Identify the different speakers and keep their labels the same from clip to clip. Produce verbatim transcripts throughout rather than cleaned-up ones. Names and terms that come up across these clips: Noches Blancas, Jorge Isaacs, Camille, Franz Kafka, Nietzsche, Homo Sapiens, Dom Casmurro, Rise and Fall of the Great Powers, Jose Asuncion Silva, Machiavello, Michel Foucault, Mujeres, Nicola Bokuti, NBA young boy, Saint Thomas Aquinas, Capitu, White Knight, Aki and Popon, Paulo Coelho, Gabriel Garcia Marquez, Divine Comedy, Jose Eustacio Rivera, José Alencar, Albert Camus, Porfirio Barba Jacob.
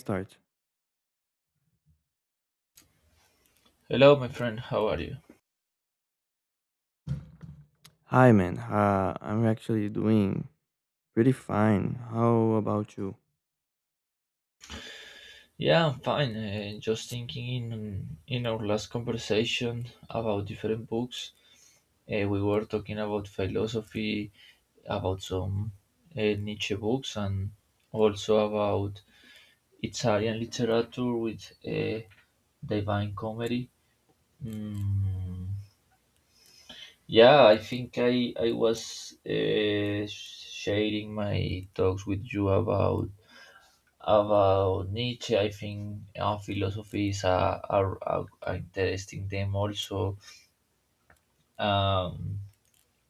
Speaker 1: Start.
Speaker 2: Hello, my friend. How are you?
Speaker 1: Hi, man. Uh, I'm actually doing pretty fine. How about you?
Speaker 2: Yeah, I'm fine. Uh, just thinking in in our last conversation about different books, uh, we were talking about philosophy, about some uh, Nietzsche books, and also about Italian literature with uh, Divine Comedy. Mm, yeah, I think I I was uh, sharing my talks with you about about Nietzsche. I think uh, philosophy is a, a- a- a interesting theme also. Um,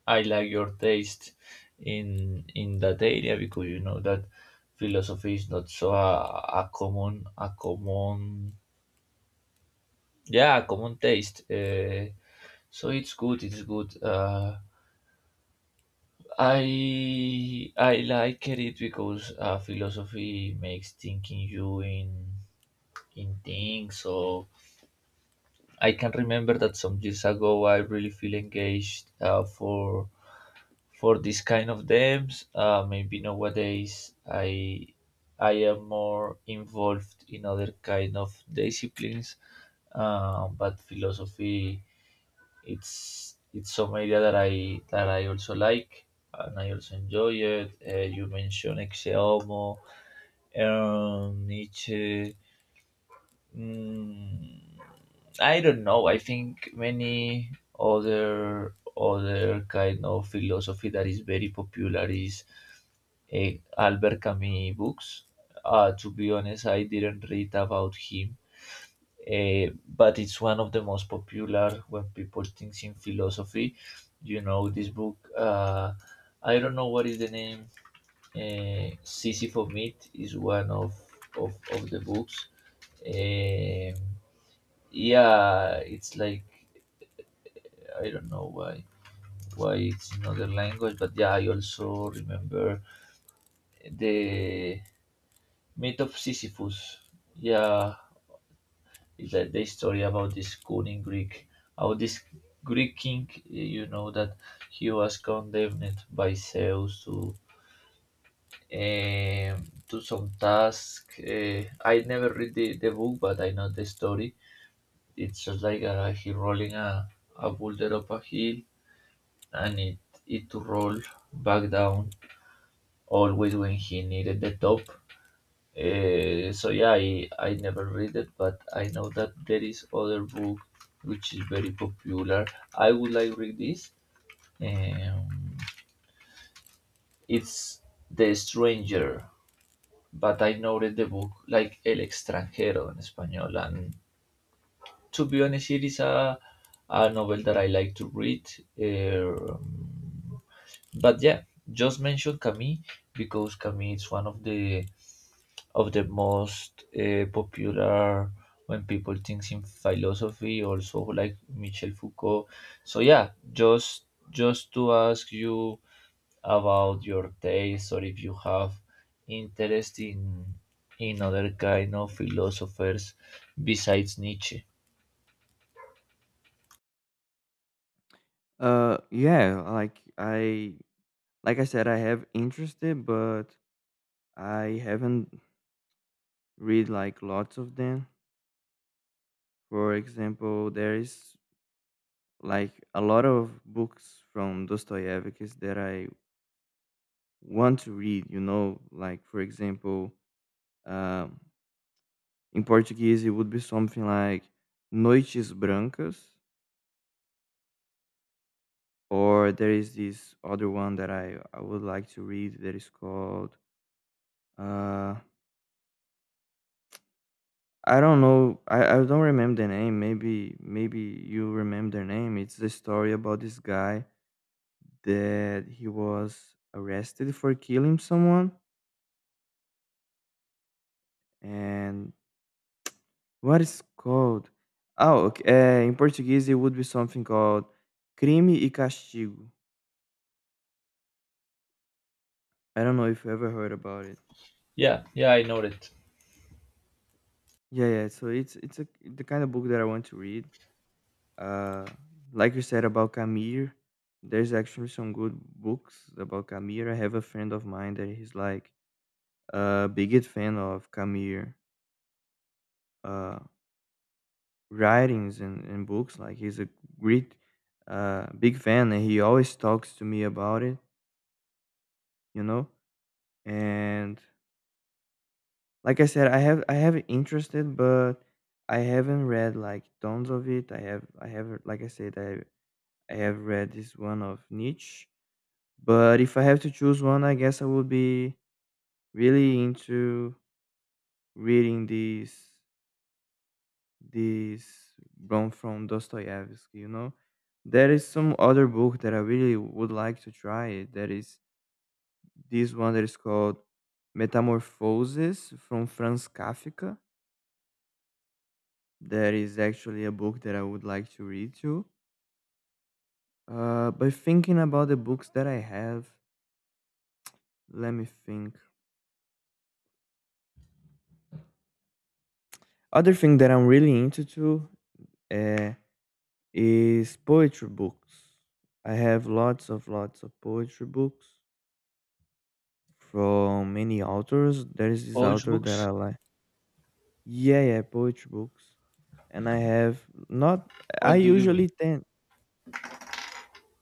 Speaker 2: I like your taste in in that area, because you know that philosophy is not so a, a common a common yeah a common taste. Uh, so it's good. It's good. Uh, I I like it because uh, philosophy makes thinking you in in things. So I can remember that some years ago I really feel engaged uh, for for this kind of games. Uh, maybe nowadays I I am more involved in other kind of disciplines, uh, but philosophy it's it's some area that I that I also like, and I also enjoy it. Uh, you mentioned Exeomo, um, Nietzsche. Mm, I don't know. I think many other other kind of philosophy that is very popular is uh, Albert Camus books. Uh, to be honest, I didn't read about him, uh, but it's one of the most popular when people think in philosophy. You know this book. Uh, I don't know what is the name. Uh, Sisyphus Myth is one of of, of the books. Um yeah, it's like I don't know why why it's another language, but yeah, I also remember the myth of Sisyphus. Yeah, it's like the story about this cunning Greek, how this Greek king, you know, that he was condemned by Zeus to um, to some task. uh, I never read the, the book, but I know the story. It's just like uh, he rolling a, a boulder up a hill, and it, it to roll back down always when he needed the top. Uh, so yeah, I, I never read it, but I know that there is other book which is very popular. I would like read this. Um, it's The Stranger, but I know read the book like El Extranjero in Espanol. And to be honest, it is a, a novel that I like to read. eh, Um, But yeah, just mention Camille, because Camille is one of the of the most uh, popular when people think in philosophy. Also like Michel Foucault. So yeah, just just to ask you about your taste, or if you have interest in in other kind of philosophers besides Nietzsche.
Speaker 1: Uh, yeah. Like I, like I said, I have interested, but I haven't read like lots of them. For example, there is like a lot of books from Dostoevsky that I want to read. You know, like for example, um, in Portuguese, it would be something like Noites Brancas. Or there is this other one that I, I would like to read that is called uh I don't know. I, I don't remember the name. Maybe maybe you remember the name. It's the story about this guy that he was arrested for killing someone, and what is called. Oh, okay. Eh, in Portuguese it would be something called Crime e Castigo. I don't know if you ever heard about it.
Speaker 2: Yeah, yeah, I know that.
Speaker 1: Yeah, yeah. So it's it's a, the kind of book that I want to read. Uh, like you said about Camille, there's actually some good books about Camille. I have a friend of mine that he's like a biggest fan of Camille uh, writings and, and books. Like he's a great, uh, big fan, and he always talks to me about it. You know, and like I said, I have I have interested, but I haven't read like tons of it. I have I have, like I said, I I have read this one of Nietzsche. But if I have to choose one, I guess I would be really into reading these these Rom from Dostoevsky, you know. There is some other book that I really would like to try. That is this one that is called Metamorphoses from Franz Kafka. That is actually a book that I would like to read too. Uh, but thinking about the books that I have, let me think. Other thing that I'm really into too, uh, is poetry books. I have lots of lots of poetry books from many authors. There is this
Speaker 2: Poach
Speaker 1: author that
Speaker 2: books?
Speaker 1: I like. Yeah, yeah, poetry books. And I have not. I
Speaker 2: What do you mean?
Speaker 1: usually tend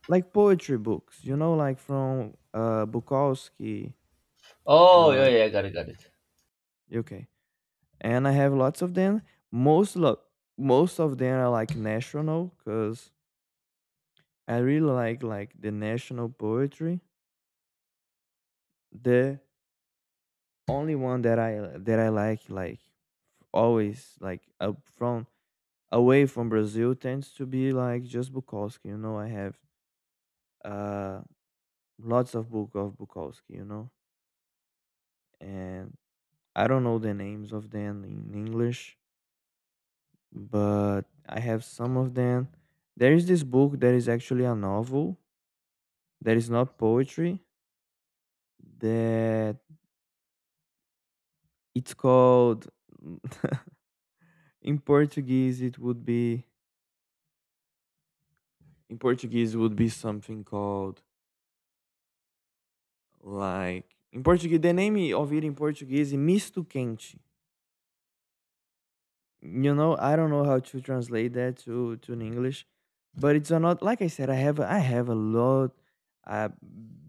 Speaker 1: like poetry books, you know, like from uh Bukowski
Speaker 2: Oh,
Speaker 1: or
Speaker 2: yeah, yeah, got it, got it.
Speaker 1: okay. And I have lots of them. Most lo- Most of them are like national, cuz I really like like the national poetry. The only one that I that I like like always like up from away from Brazil, tends to be like just Bukowski. You know, I have uh lots of book of Bukowski. You know, and I don't know the names of them in English, but I have some of them. There is this book that is actually a novel, that is not poetry. That it's called in Portuguese. It would be in Portuguese, would be something called. Like in Portuguese, the name of it in Portuguese is misto quente. You know, I don't know how to translate that to to in English, but it's a not, like I said. I have a- I have a lot, a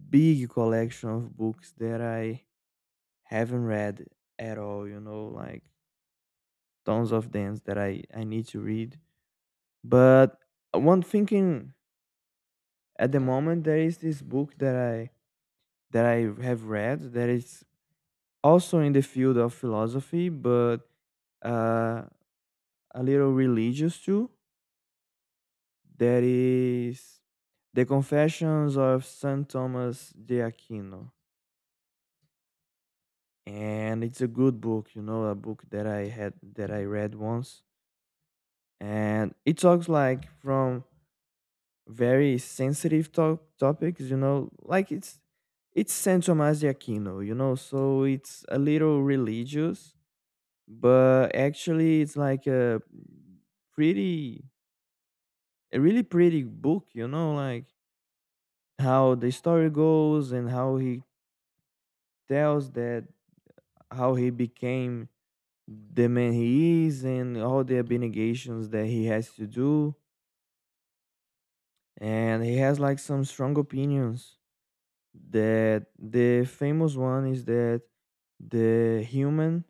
Speaker 1: big collection of books that I haven't read at all. You know, like tons of them that I I need to read. But one thinking at the moment, there is this book that I that I have read, that is also in the field of philosophy, but uh, a little religious too. That is The Confessions of Saint Thomas de Aquino. And it's a good book, you know, a book that I had that I read once. And it talks like from very sensitive to- topics, you know, like it's it's Saint Thomas de Aquino, you know, so it's a little religious, but actually it's like a pretty, a really pretty book, you know, like how the story goes, and how he tells that how he became the man he is, and all the abnegations that he has to do. And he has like some strong opinions, that the famous one is that the human,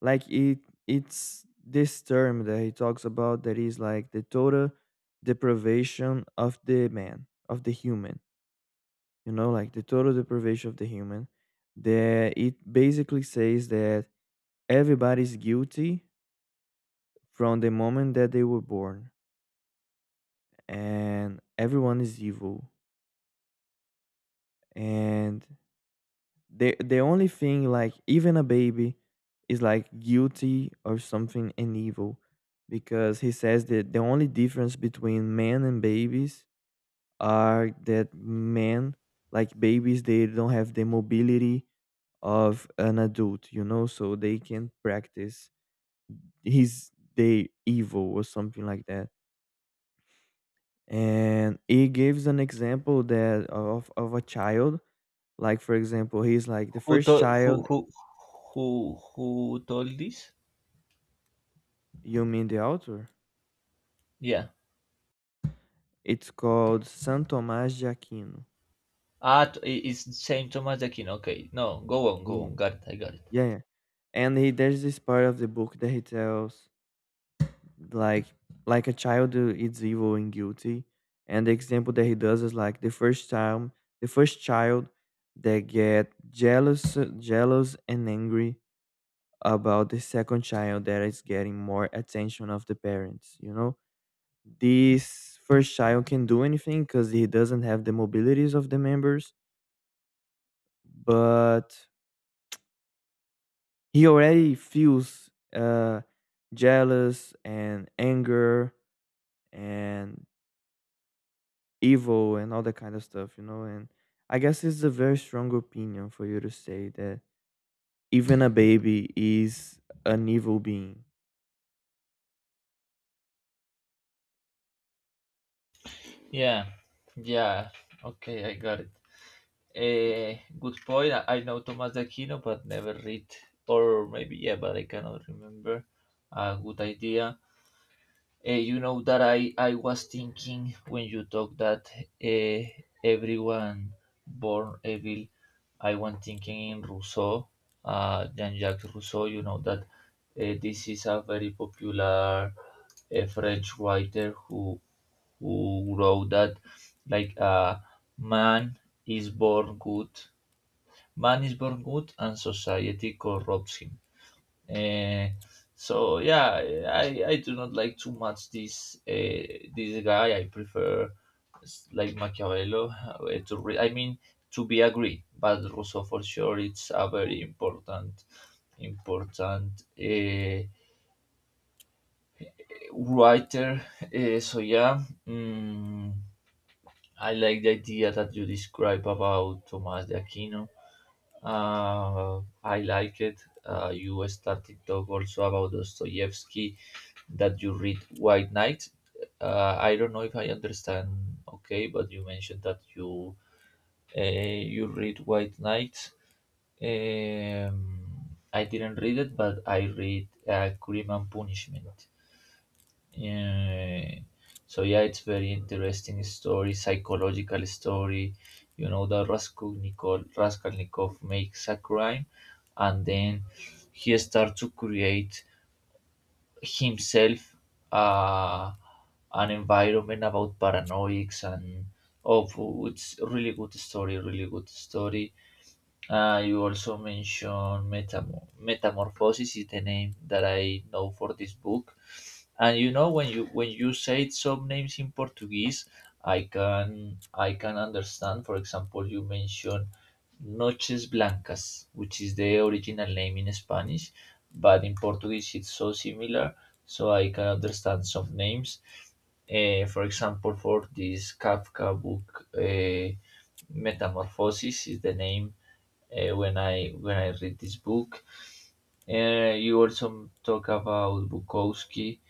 Speaker 1: like it it's this term that he talks about, that is like the total deprivation of the man, of the human, you know, like the total deprivation of the human, that it basically says that everybody's guilty from the moment that they were born, and everyone is evil. And the the only thing, like even a baby, is like guilty or something, and evil, because he says that the only difference between men and babies are that men, like babies, they don't have the mobility of an adult, you know, so they can practice his day evil or something like that. And he gives an example that of of a child, like for example, he's like the
Speaker 2: Who
Speaker 1: first
Speaker 2: told who
Speaker 1: child.
Speaker 2: who who who told this?
Speaker 1: You mean the author?
Speaker 2: Yeah.
Speaker 1: It's called San Tomás de Aquino.
Speaker 2: Ah, t- I- it's Saint Thomas Aquinas. Okay, no, go on, go
Speaker 1: Yeah,
Speaker 2: on. Got it, I got it.
Speaker 1: yeah, yeah. And he, there's this part of the book that he tells like like a child who is evil and guilty, and the example that he does is like the first time, the first child that get jealous jealous and angry about the second child that is getting more attention of the parents, you know, this first child can do anything because he doesn't have the mobilities of the members, but he already feels uh jealous and anger and evil and all that kind of stuff, you know. And I guess it's a very strong opinion for you to say that even a baby is an evil being.
Speaker 2: Yeah, yeah. Okay, I got it. Eh, good point. I, I know Thomas de Aquino, but never read, or maybe yeah, but I cannot remember. A good idea. Uh, you know that I, I was thinking when you talk that uh, everyone born evil, I was thinking in Rousseau, uh, Jean-Jacques Rousseau. You know that uh, this is a very popular a French writer who who wrote that like uh, man is born good, man is born good, and society corrupts him. Uh, so yeah, I, I do not like too much this uh, this guy. I prefer s- like Machiavello uh, to re- I mean to be agree, but Rousseau for sure it's a very important important uh, writer. Uh, so yeah, mm, I like the idea that you describe about Thomas de Aquino. Uh, I like it. Uh, you started talk also about Dostoevsky, that you read White Knight. Uh, I don't know if I understand okay, but you mentioned that you uh, you read White Knight. Um, I didn't read it, but I read uh, Crime and Punishment. Yeah. So yeah, it's very interesting story, psychological story. You know, the Raskolnikov, Raskolnikov makes a crime, and then he starts to create himself uh, an environment about paranoics and, oh, it's really good story, really good story. Uh, you also mentioned metamor- metamorphosis is the name that I know for this book, and you know when you when you say some names in Portuguese, I can I can understand. For example, you mentioned Noches Blancas, which is the original name in Spanish, but in Portuguese it's so similar, so I can understand some names. Eh, for example, for this Kafka book, uh, Metamorphosis is the name uh, when I when I read this book. Uh, you also talk about Bukowski.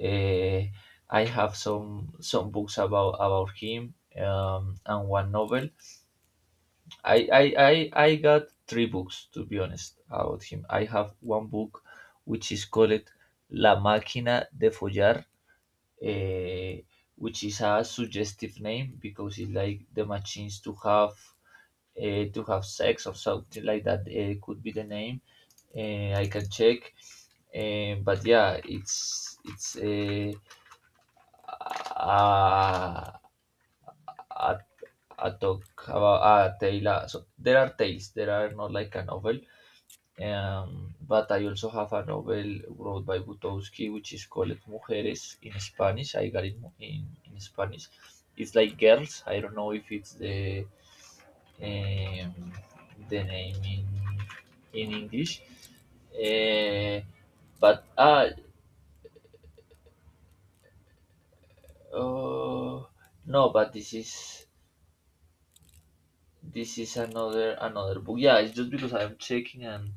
Speaker 2: Uh, I have some some books about about him, um, and one novel. I, I I I got three books, to be honest, about him. I have one book which is called La Máquina de Follar, uh, which is a suggestive name because it's like the machines to have uh, to have sex or something like that uh, could be the name. Uh, I can check, uh, but yeah, it's it's uh, a, a a talk about a tale. uh, So there are tales. There are not like a novel. Um, but I also have a novel wrote by Butowski, which is called Mujeres in Spanish. I got it mu- in, in Spanish. It's like girls. I don't know if it's the um, the name in, in English. Eh, but ah, uh, no, but this is this is another another book. Yeah, it's just because I'm checking. And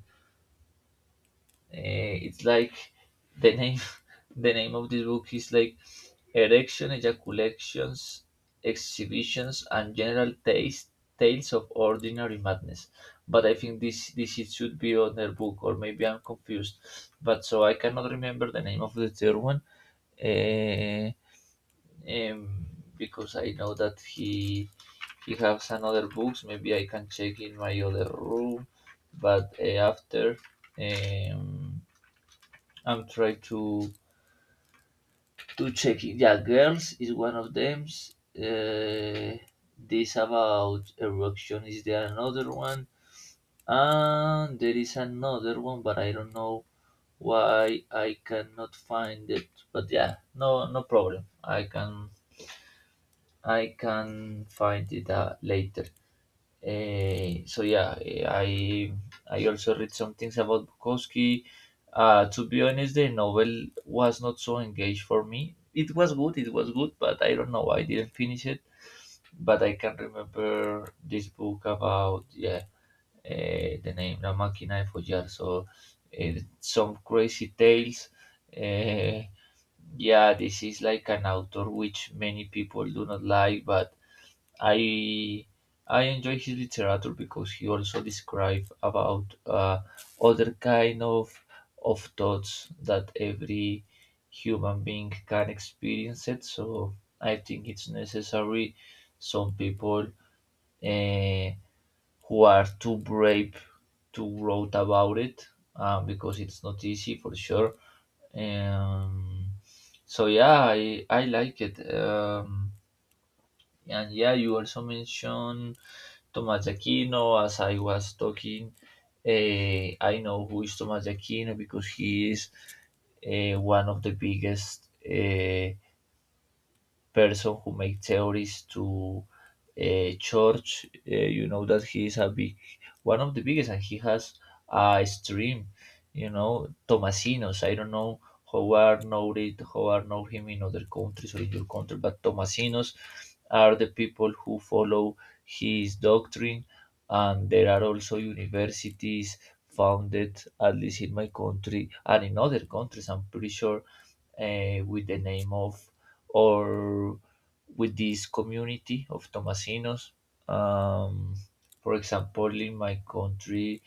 Speaker 2: Uh, it's like the name the name of this book is like erection, ejaculations, exhibitions and general taste, tales of ordinary madness. But I think this this it should be on their book, or maybe I'm confused. But so I cannot remember the name of the third one. uh, um, because I know that he he has another books. Maybe I can check in my other room, but uh, after um, I'm trying to to check it. Yeah, girls is one of them. Uh, this about erection, is there another one, and there is another one, but I don't know why I cannot find it. But yeah, no no problem. I can I can find it uh, later. Uh, so yeah, eh, I I also read some things about Bukowski. Uh, to be honest, the novel was not so engaged for me. It was good, it was good, but I don't know. I didn't finish it, but I can remember this book about yeah, uh, the name La Máquina de Follar. So uh, some crazy tales. Uh, yeah, this is like an author which many people do not like, but I I enjoy his literature because he also describes about uh, other kind of of thoughts that every human being can experience it. So I think it's necessary. Some people uh, who are too brave to wrote about it uh, because it's not easy for sure. Um, so yeah, I I like it. Um, and yeah, you also mentioned Thomas de Aquino. As I was talking, eh, I know who is Thomas de Aquino because he is eh, one of the biggest uh, person who make theories to uh, church. Uh, you know that he is a big, one of the biggest, and he has a stream. You know, Tomasinos. I don't know how are know it, how are know him in other countries or in your country, but Tomasinos are the people who follow his doctrine, and there are also universities founded, at least in my country and in other countries. I'm pretty sure uh, with the name of or with this community of Tomasinos. Um, for example, in my country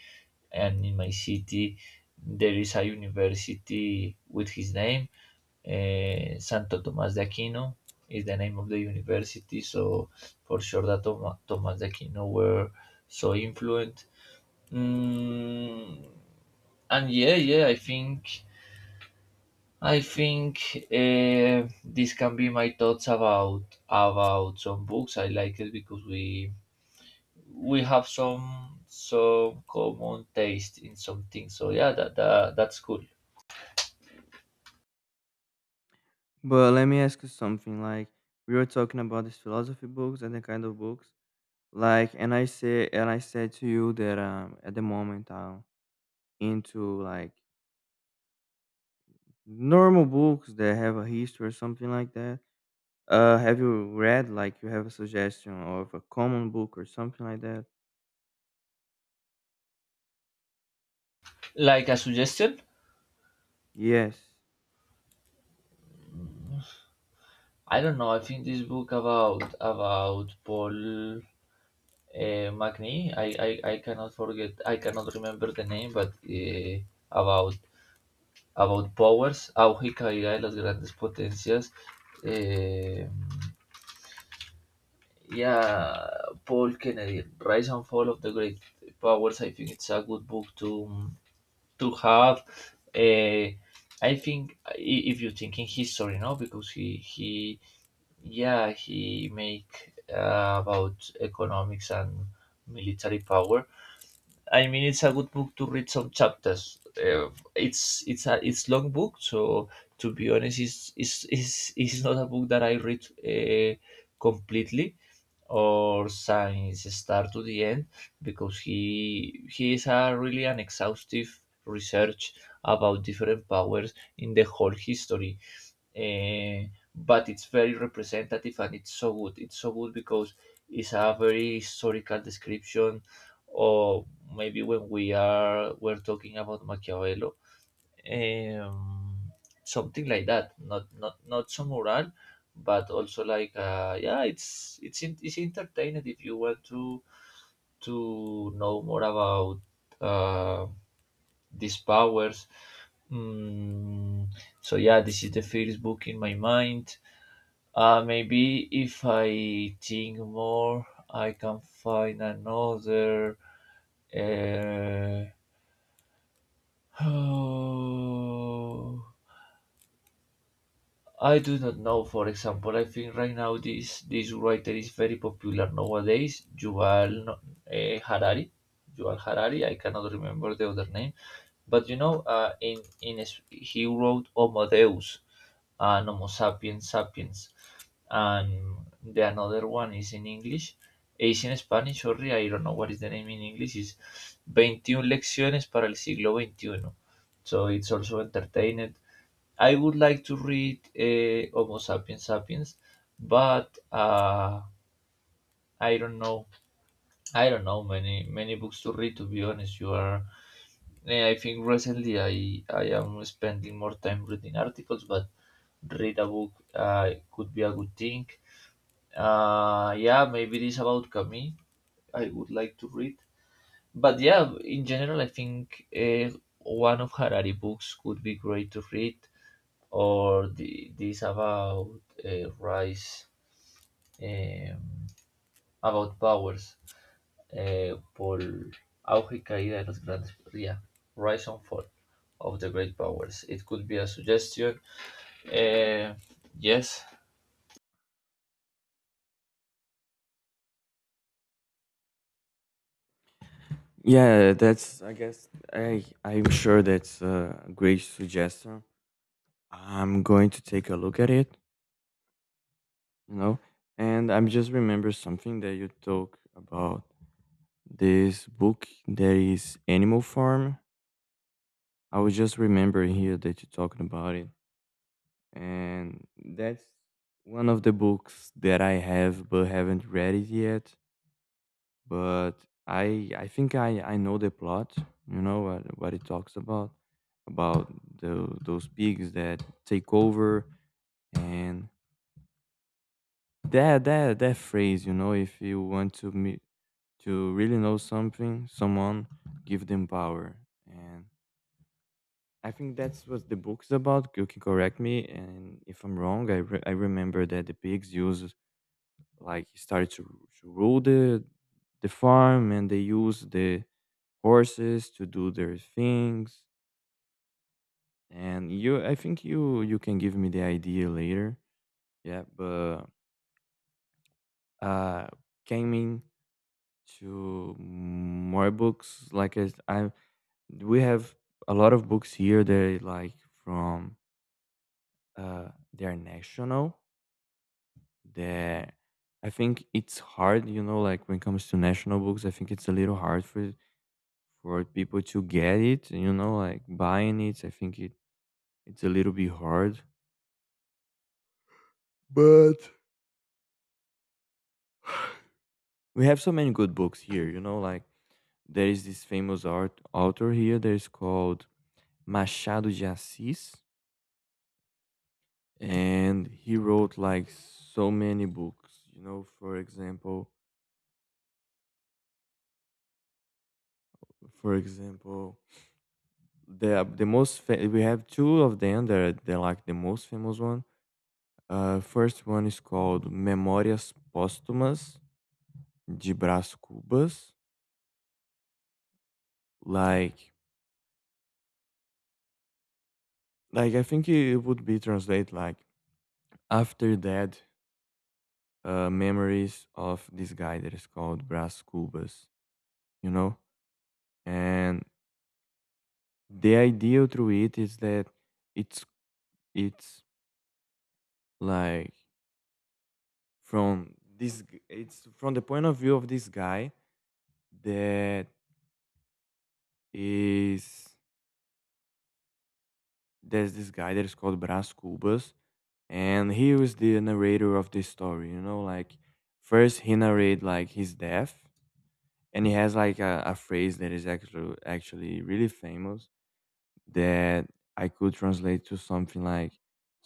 Speaker 2: and in my city, there is a university with his name. Uh, Santo Tomás de Aquino is the name of the university, so for sure that Toma- Tomás de Aquino were so influent. Mm, and yeah, yeah, I think I think uh, this can be my thoughts about about some books. I like it because we we have some some common taste in some things. So yeah, that, that that's cool.
Speaker 1: But let me ask you something. Like, we were talking about these philosophy books and the kind of books. Like, and I say, and I said to you that um, at the moment I'm into like normal books that have a history or something like that. Uh, have you read, like, you have a suggestion of a common book or something like that?
Speaker 2: Like a suggestion,
Speaker 1: Yes.
Speaker 2: I don't know. I think this book about about Paul uh, McNee. I, I I cannot forget. I cannot remember the name, but uh, about about powers, auge y caída de las grandes potencias. eh, Yeah, Paul Kennedy, Rise and Fall of the Great Powers. I think it's a good book to to have. Uh, I think I- if you think in history, no, because he he yeah he make uh, about economics and military power. I mean, it's a good book to read some chapters. Uh, it's it's a it's long book, so to be honest, it's it's, it's, it's, not a book that I read uh, completely or since start to the end because he he is a really an exhaustive research about different powers in the whole history. Eh, but it's very representative and it's so good it's so good because it's a very historical description. Or maybe when we are we're talking about machiavelli, um, something like that. Not not not so moral, but also like, uh, yeah, it's it's in, it's entertaining if you want to to know more about uh, these powers. Mm, so yeah, this is the first book in my mind. Uh, maybe if I think more, I can find another. Uh, I do not know. For example, I think right now this this writer is very popular nowadays. Yuval no- eh, Harari, Yuval Harari. I cannot remember the other name, but you know, uh, in in his- he wrote Homo Deus and Homo Sapiens Sapiens, and the another one is in English. Is in Spanish, sorry, I don't know what is the name in English. Is twenty-one lecciones para el siglo twenty-one. So it's also entertained. I would like to read uh, Homo sapiens sapiens, but uh, I don't know. I don't know many many books to read. To be honest, you are. Eh, I think recently I I am spending more time reading articles, but read a book uh, could be a good thing. Uh, yeah, maybe this about Camille. I would like to read, but yeah, in general, I think, uh, one of Harari books could be great to read, or the, this about uh, rise, um, about powers, eh, por auge y caída de las grandes, yeah, rise and fall of the great powers. It could be a suggestion. Eh, yes.
Speaker 1: Yeah, that's. I guess I. I'm sure that's a great suggestion. I'm going to take a look at it. You know, and I'm just remember something that you talk about, this book that is Animal Farm. I was just remembering here that you're talking about it, and that's one of the books that I have but haven't read it yet. But I I think I I know the plot. You know what what it talks about about the, those pigs that take over, and that that that phrase. You know, if you want to meet, to really know something, someone, give them power. And I think that's what the book's about. You can correct me, and if I'm wrong, I re- I remember that the pigs use, like, started to, to rule the the farm, and they use the horses to do their things. And you, I think you, you can give me the idea later. Yeah, but uh coming to more books, like i i we have a lot of books here that are like from uh they're national, that I think it's hard, you know, like when it comes to national books, I think it's a little hard for for people to get it, you know, like buying it. I think it it's a little bit hard. But we have so many good books here, you know, like there is this famous art author here that is called Machado de Assis, and he wrote like so many books, you know. For example, for example the the most fa-, we have two of them that are, they're like the most famous one. Uh first one is called Memorias Póstumas de Brás Cubas. like like I think it would be translate like after that, uh, memories of this guy that is called Brass Cubas, you know? And the idea through it is that it's it's like from this g- it's from the point of view of this guy that is, there's this guy that is called Brass Cubas, and he was the narrator of this story, you know, like first he narrate like his death. And he has like a, a phrase that is actually actually really famous, that I could translate to something like,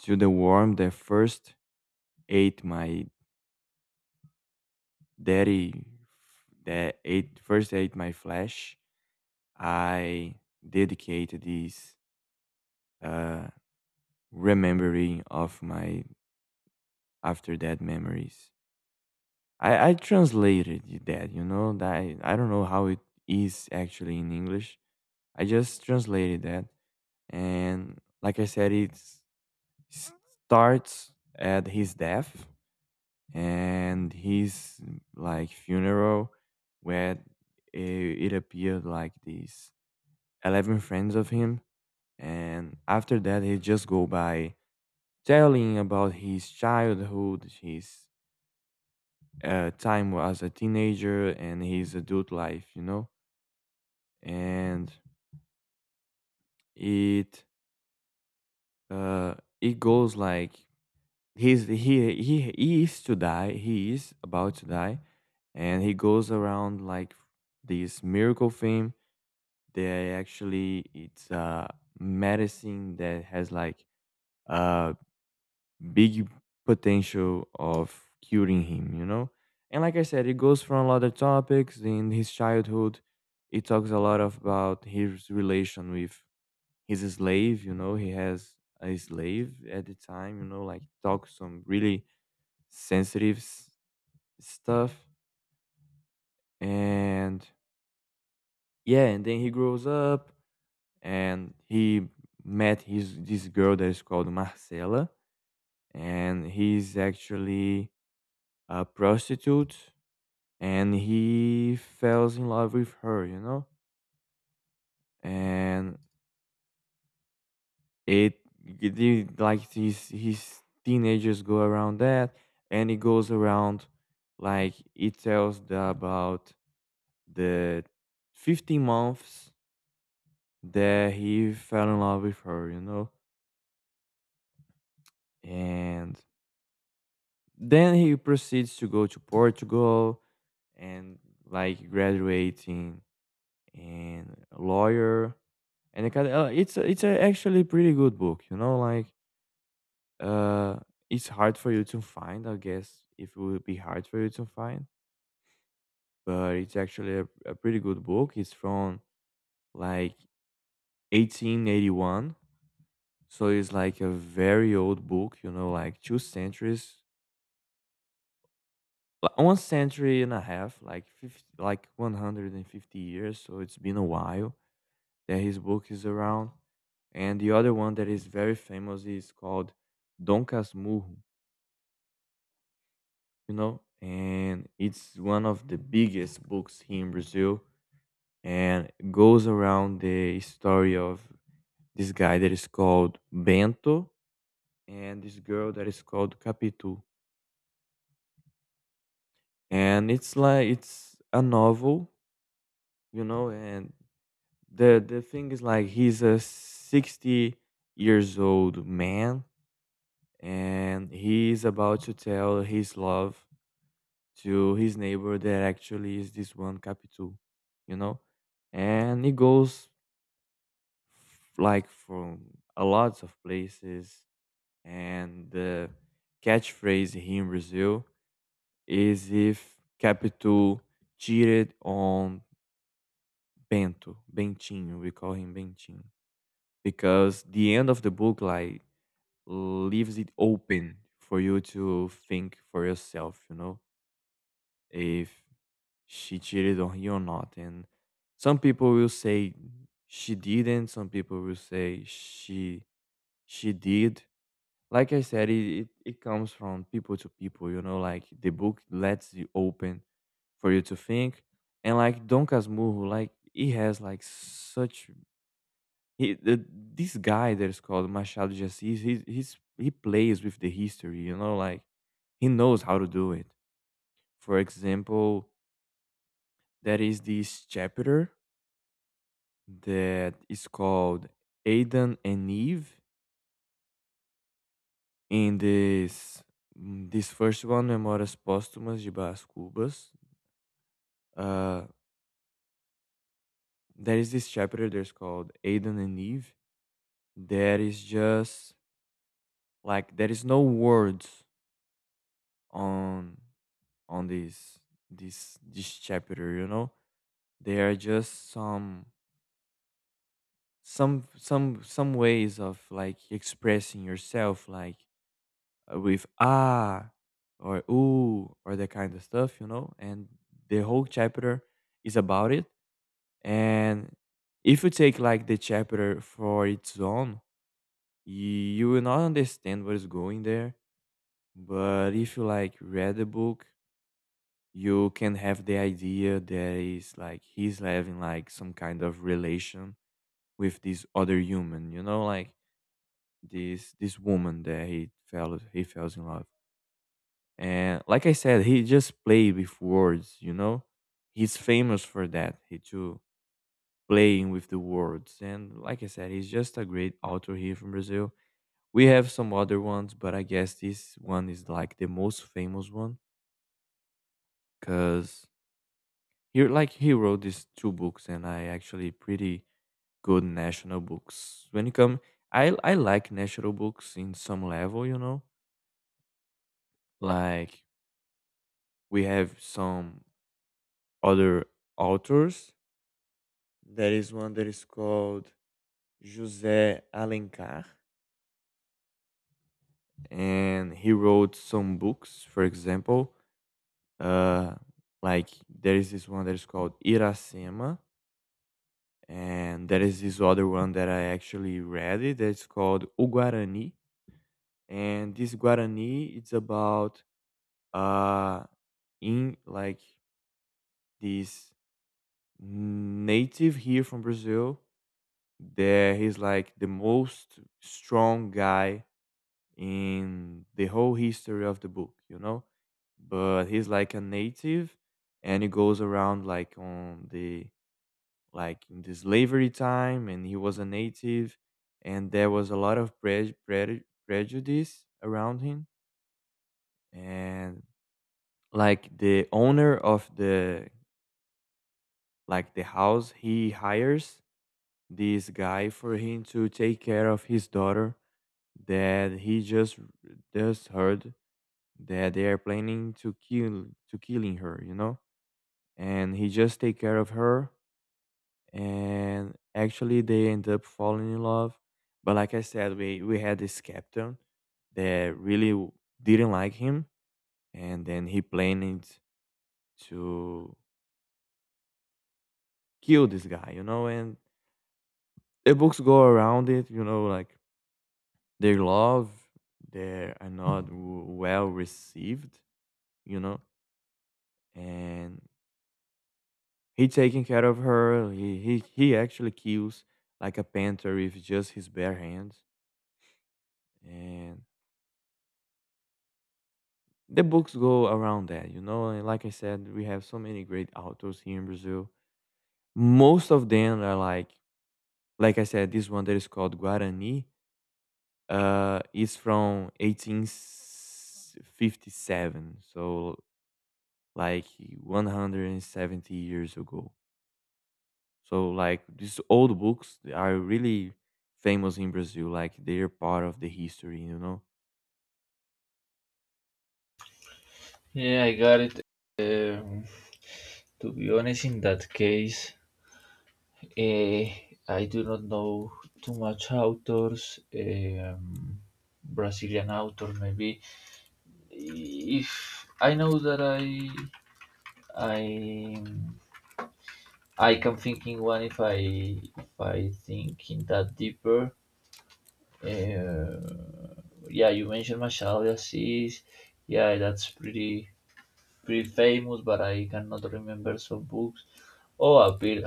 Speaker 1: to the worm that first ate my daddy, that ate first ate my flesh, I dedicated this uh, remembering of my after death memories. I, I translated that, you know, that I, I don't know how it is actually in English. I just translated that. And like I said, it starts at his death, and his like funeral, where it, it appeared like these eleven friends of him, and after that he just go by telling about his childhood, his uh, time as a teenager, and his adult life, you know. And it uh it goes like he's he he he is to die, he is about to die, and he goes around like this miracle thing. They actually, it's a medicine that has like a big potential of curing him, you know? And like I said, it goes from a lot of topics in his childhood. It talks a lot of about his relation with his slave, you know, he has a slave at the time, you know, like talks some really sensitive s- stuff and yeah, and then he grows up and he met his this girl that is called Marcela, and he's actually a prostitute, and he falls in love with her, you know, and it, it it- like these his teenagers go around that, and it goes around like it tells the, about the fifteen months that he fell in love with her, you know, and then he proceeds to go to Portugal and like graduating and a lawyer and it kind of, uh, it's a, it's a actually pretty good book, you know, like uh it's hard for you to find, I guess, if it would be hard for you to find, but it's actually a, a pretty good book. It's from like eighteen eighty-one, so it's like a very old book, you know, like two centuries. Li one century and a half, like fifty, like one hundred fifty years, so it's been a while that his book is around. And the other one that is very famous is called Dom Casmurro, you know? And it's one of the biggest books here in Brazil, and goes around the story of this guy that is called Bento and this girl that is called Capitu. And it's like it's a novel, you know, and the the thing is like he's a sixty years old man and he's about to tell his love to his neighbor that actually is this one Capital, you know, and he goes like from a lots of places, and the catchphrase here in Brazil is if Capital cheated on Bento. Bentinho, we call him Bentinho, because the end of the book like leaves it open for you to think for yourself, you know, if she cheated on you or not. And some people will say she didn't, some people will say she she did. Like I said, it, it, it comes from people to people, you know, like the book lets you open for you to think. And like Don Casmurro, like he has like such he, the, this guy that is called Machado de Assis, he he's he plays with the history, you know, like he knows how to do it. For example, there is this chapter that is called Adam and Eve in this mm, this first one, Memórias Póstumas de Brás Cubas. Uh, there is this chapter that's called Adam and Eve. There is just like there is no words on on this this this chapter, you know. They are just some some some some ways of like expressing yourself, like uh, with ah or ooh or that kind of stuff, you know, and the whole chapter is about it, and if you take like the chapter for its own, you will not understand what is going there, but if you like read the book, you can have the idea that is like he's having like some kind of relation with this other human, you know, like this this woman that he fell he falls in love. And like I said, he just played with words, you know? He's famous for that. He too playing with the words. And like I said, he's just a great author here from Brazil. We have some other ones, but I guess this one is like the most famous one because he like he wrote these two books and I actually pretty good national books. When you come I I like national books in some level, you know? Like we have some other authors. There is one that is called José Alencar, and he wrote some books, for example. Uh, like there is this one that is called Iracema, and there is this other one that I actually read it that's called O Guarani. And this Guarani it's about uh in like this native here from Brazil. There, he's like the most strong guy in the whole history of the book, you know? But he's like a native, and he goes around like on the like in the slavery time, and he was a native, and there was a lot of pre- pre- prejudice around him, and like the owner of the like the house, he hires this guy for him to take care of his daughter, that he just just heard that they are planning to kill to killing her, you know, and he just take care of her, and actually they end up falling in love. But like I said, we we had this captain that really w- didn't like him, and then he planned to kill this guy, you know, and the books go around it, you know, like their love, they are not w- well received, you know, and he taking care of her. He he he actually kills like a panther with just his bare hands. And the books go around that, you know. And like I said, we have so many great authors here in Brazil. Most of them are like, like I said, this one that is called Guarani uh, is from eighteen fifty-seven, so like one hundred seventy years ago. So like these old books they are really famous in Brazil, like they're part of the history, you know.
Speaker 2: Yeah, I got it. um, to be honest, in that case, eh, I do not know too much authors, um, brazilian author. Maybe if I know that i I I can think in one if I if I think in that deeper. Uh, yeah, you mentioned Machado de Assis. Yeah, that's pretty pretty famous, but I cannot remember some books. Oh, a bit.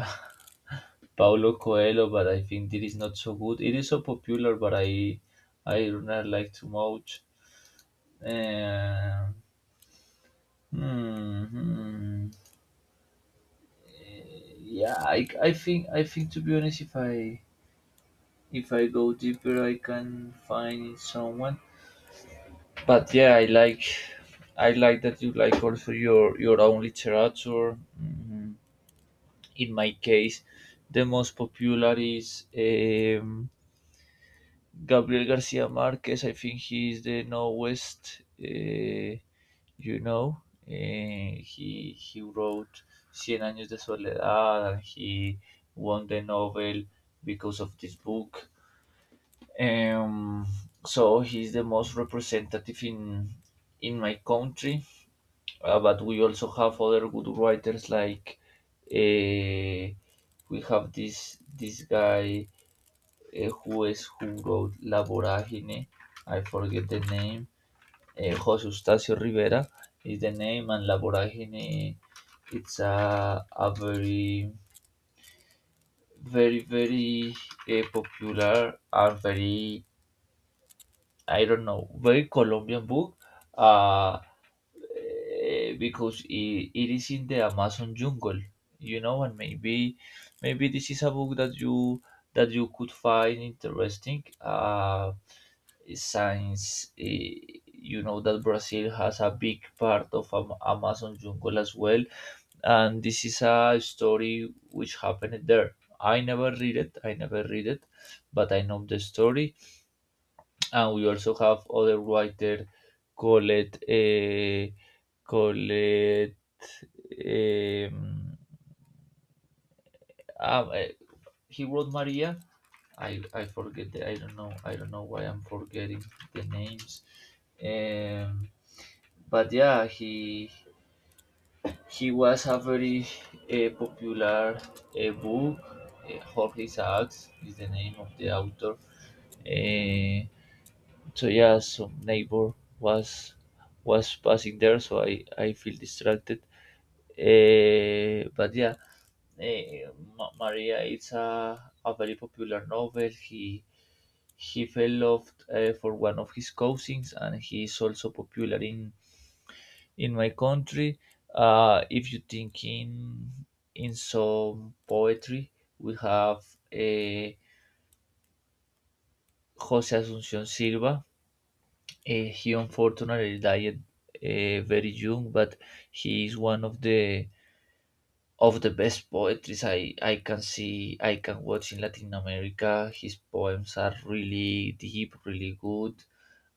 Speaker 2: Paulo Coelho, but I think it is not so good. It is so popular, but I I do not like too much. Uh, hmm, hmm. Yeah, I, I think I think to be honest, if I if I go deeper, I can find someone. But yeah, I like I like that you like also your your own literature. Mhm. In my case, the most popular is um, Gabriel Garcia Marquez. I think he is the newest. Uh, you know, uh, he he wrote Cien Años de Soledad, and he won the Nobel because of this book. Um, so he's the most representative in in my country. Uh, but we also have other good writers like uh, we have this this guy uh, who is who wrote La Voragine. I forget the name. Uh, Jose Eustacio Rivera is the name, and La Voragine it's a a very very very uh, popular and very, I don't know, very Colombian book, uh, eh, because it, it is in the Amazon jungle, you know, and maybe maybe this is a book that you that you could find interesting, uh, since eh, you know that Brazil has a big part of Am- Amazon jungle as well, and this is a story which happened there. I never read it, I never read it, but I know the story. And we also have other writer called uh, called um, um, uh, he wrote Maria. I I forget the, I don't know I don't know why I'm forgetting the names. Um, but yeah, he he was a very uh, popular uh, book. Uh, Jorge Isaacs is the name of the author. Uh, So yeah, some neighbor was was passing there, so I I feel distracted. Eh, but yeah, eh, Ma- Maria, it's a a very popular novel. He he fell love uh, for one of his cousins, and he is also popular in in my country. Uh, if you think in in some poetry, we have, eh, Jose Asuncion Silva. Uh, he unfortunately died uh, very young, but he is one of the of the best poetries I, I can see I can watch in Latin America. His poems are really deep, really good.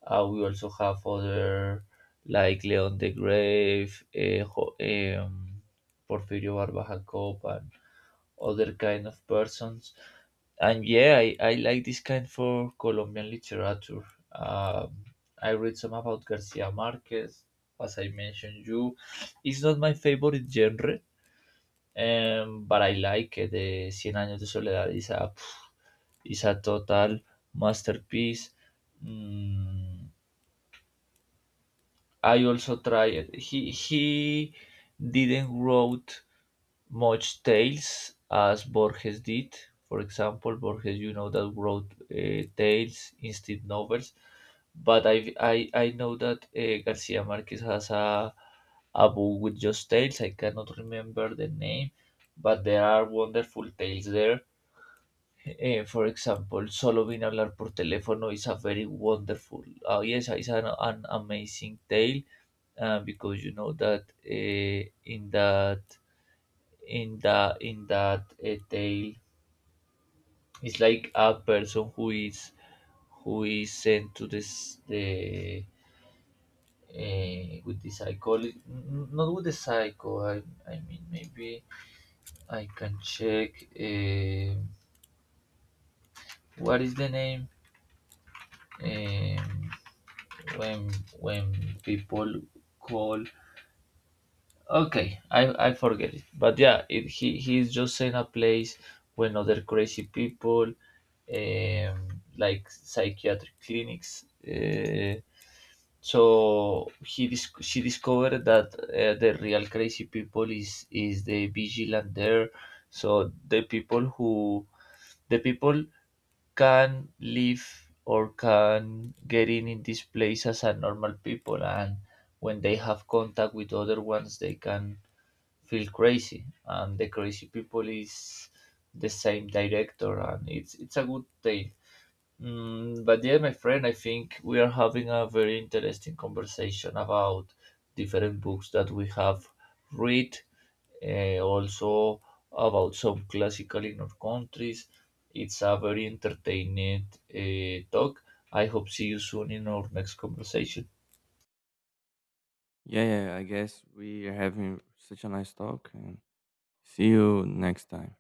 Speaker 2: Uh, we also have other like Leon the Grave, uh, Ho- um, Porfirio Barba Jacob, and other kind of persons. And yeah, I, I like this kind for Colombian literature. Um, I read some about Garcia Marquez, as I mentioned you. It's not my favorite genre, um, but I like it. The Cien Años de Soledad is a, is a total masterpiece. Mm, I also tried. He he didn't wrote much tales as Borges did. For example, Borges, you know, that wrote uh, tales, instant novels. But I, I, I know that uh, Garcia Marquez has a, a book with just tales. I cannot remember the name, but there are wonderful tales there. Eh, for example, Solo vine a hablar por teléfono is a very wonderful, uh, yes, it's an, an amazing tale uh, because you know that uh, in that in the in that uh, tale it's like a person who is who is sent to this the uh, with the psycho, not with the psycho I, I mean, maybe I can check um what is the name, um, when when people call. Okay, I, I forget it. But yeah, it, he, he is just in a place when other crazy people, um, like psychiatric clinics. Uh, so he dis- she discovered that uh, the real crazy people is is the vigilant there. So the people who the people can live or can get in in this place as a normal people, and when they have contact with other ones, they can feel crazy and the crazy people is the same director. And it's it's a good tale. Mm, but yeah, my friend, I think we are having a very interesting conversation about different books that we have read, eh, also about some classical in our countries. It's a very entertaining uh, talk. I hope see you soon in our next conversation.
Speaker 1: Yeah, yeah, I guess we are having such a nice talk and see you next time.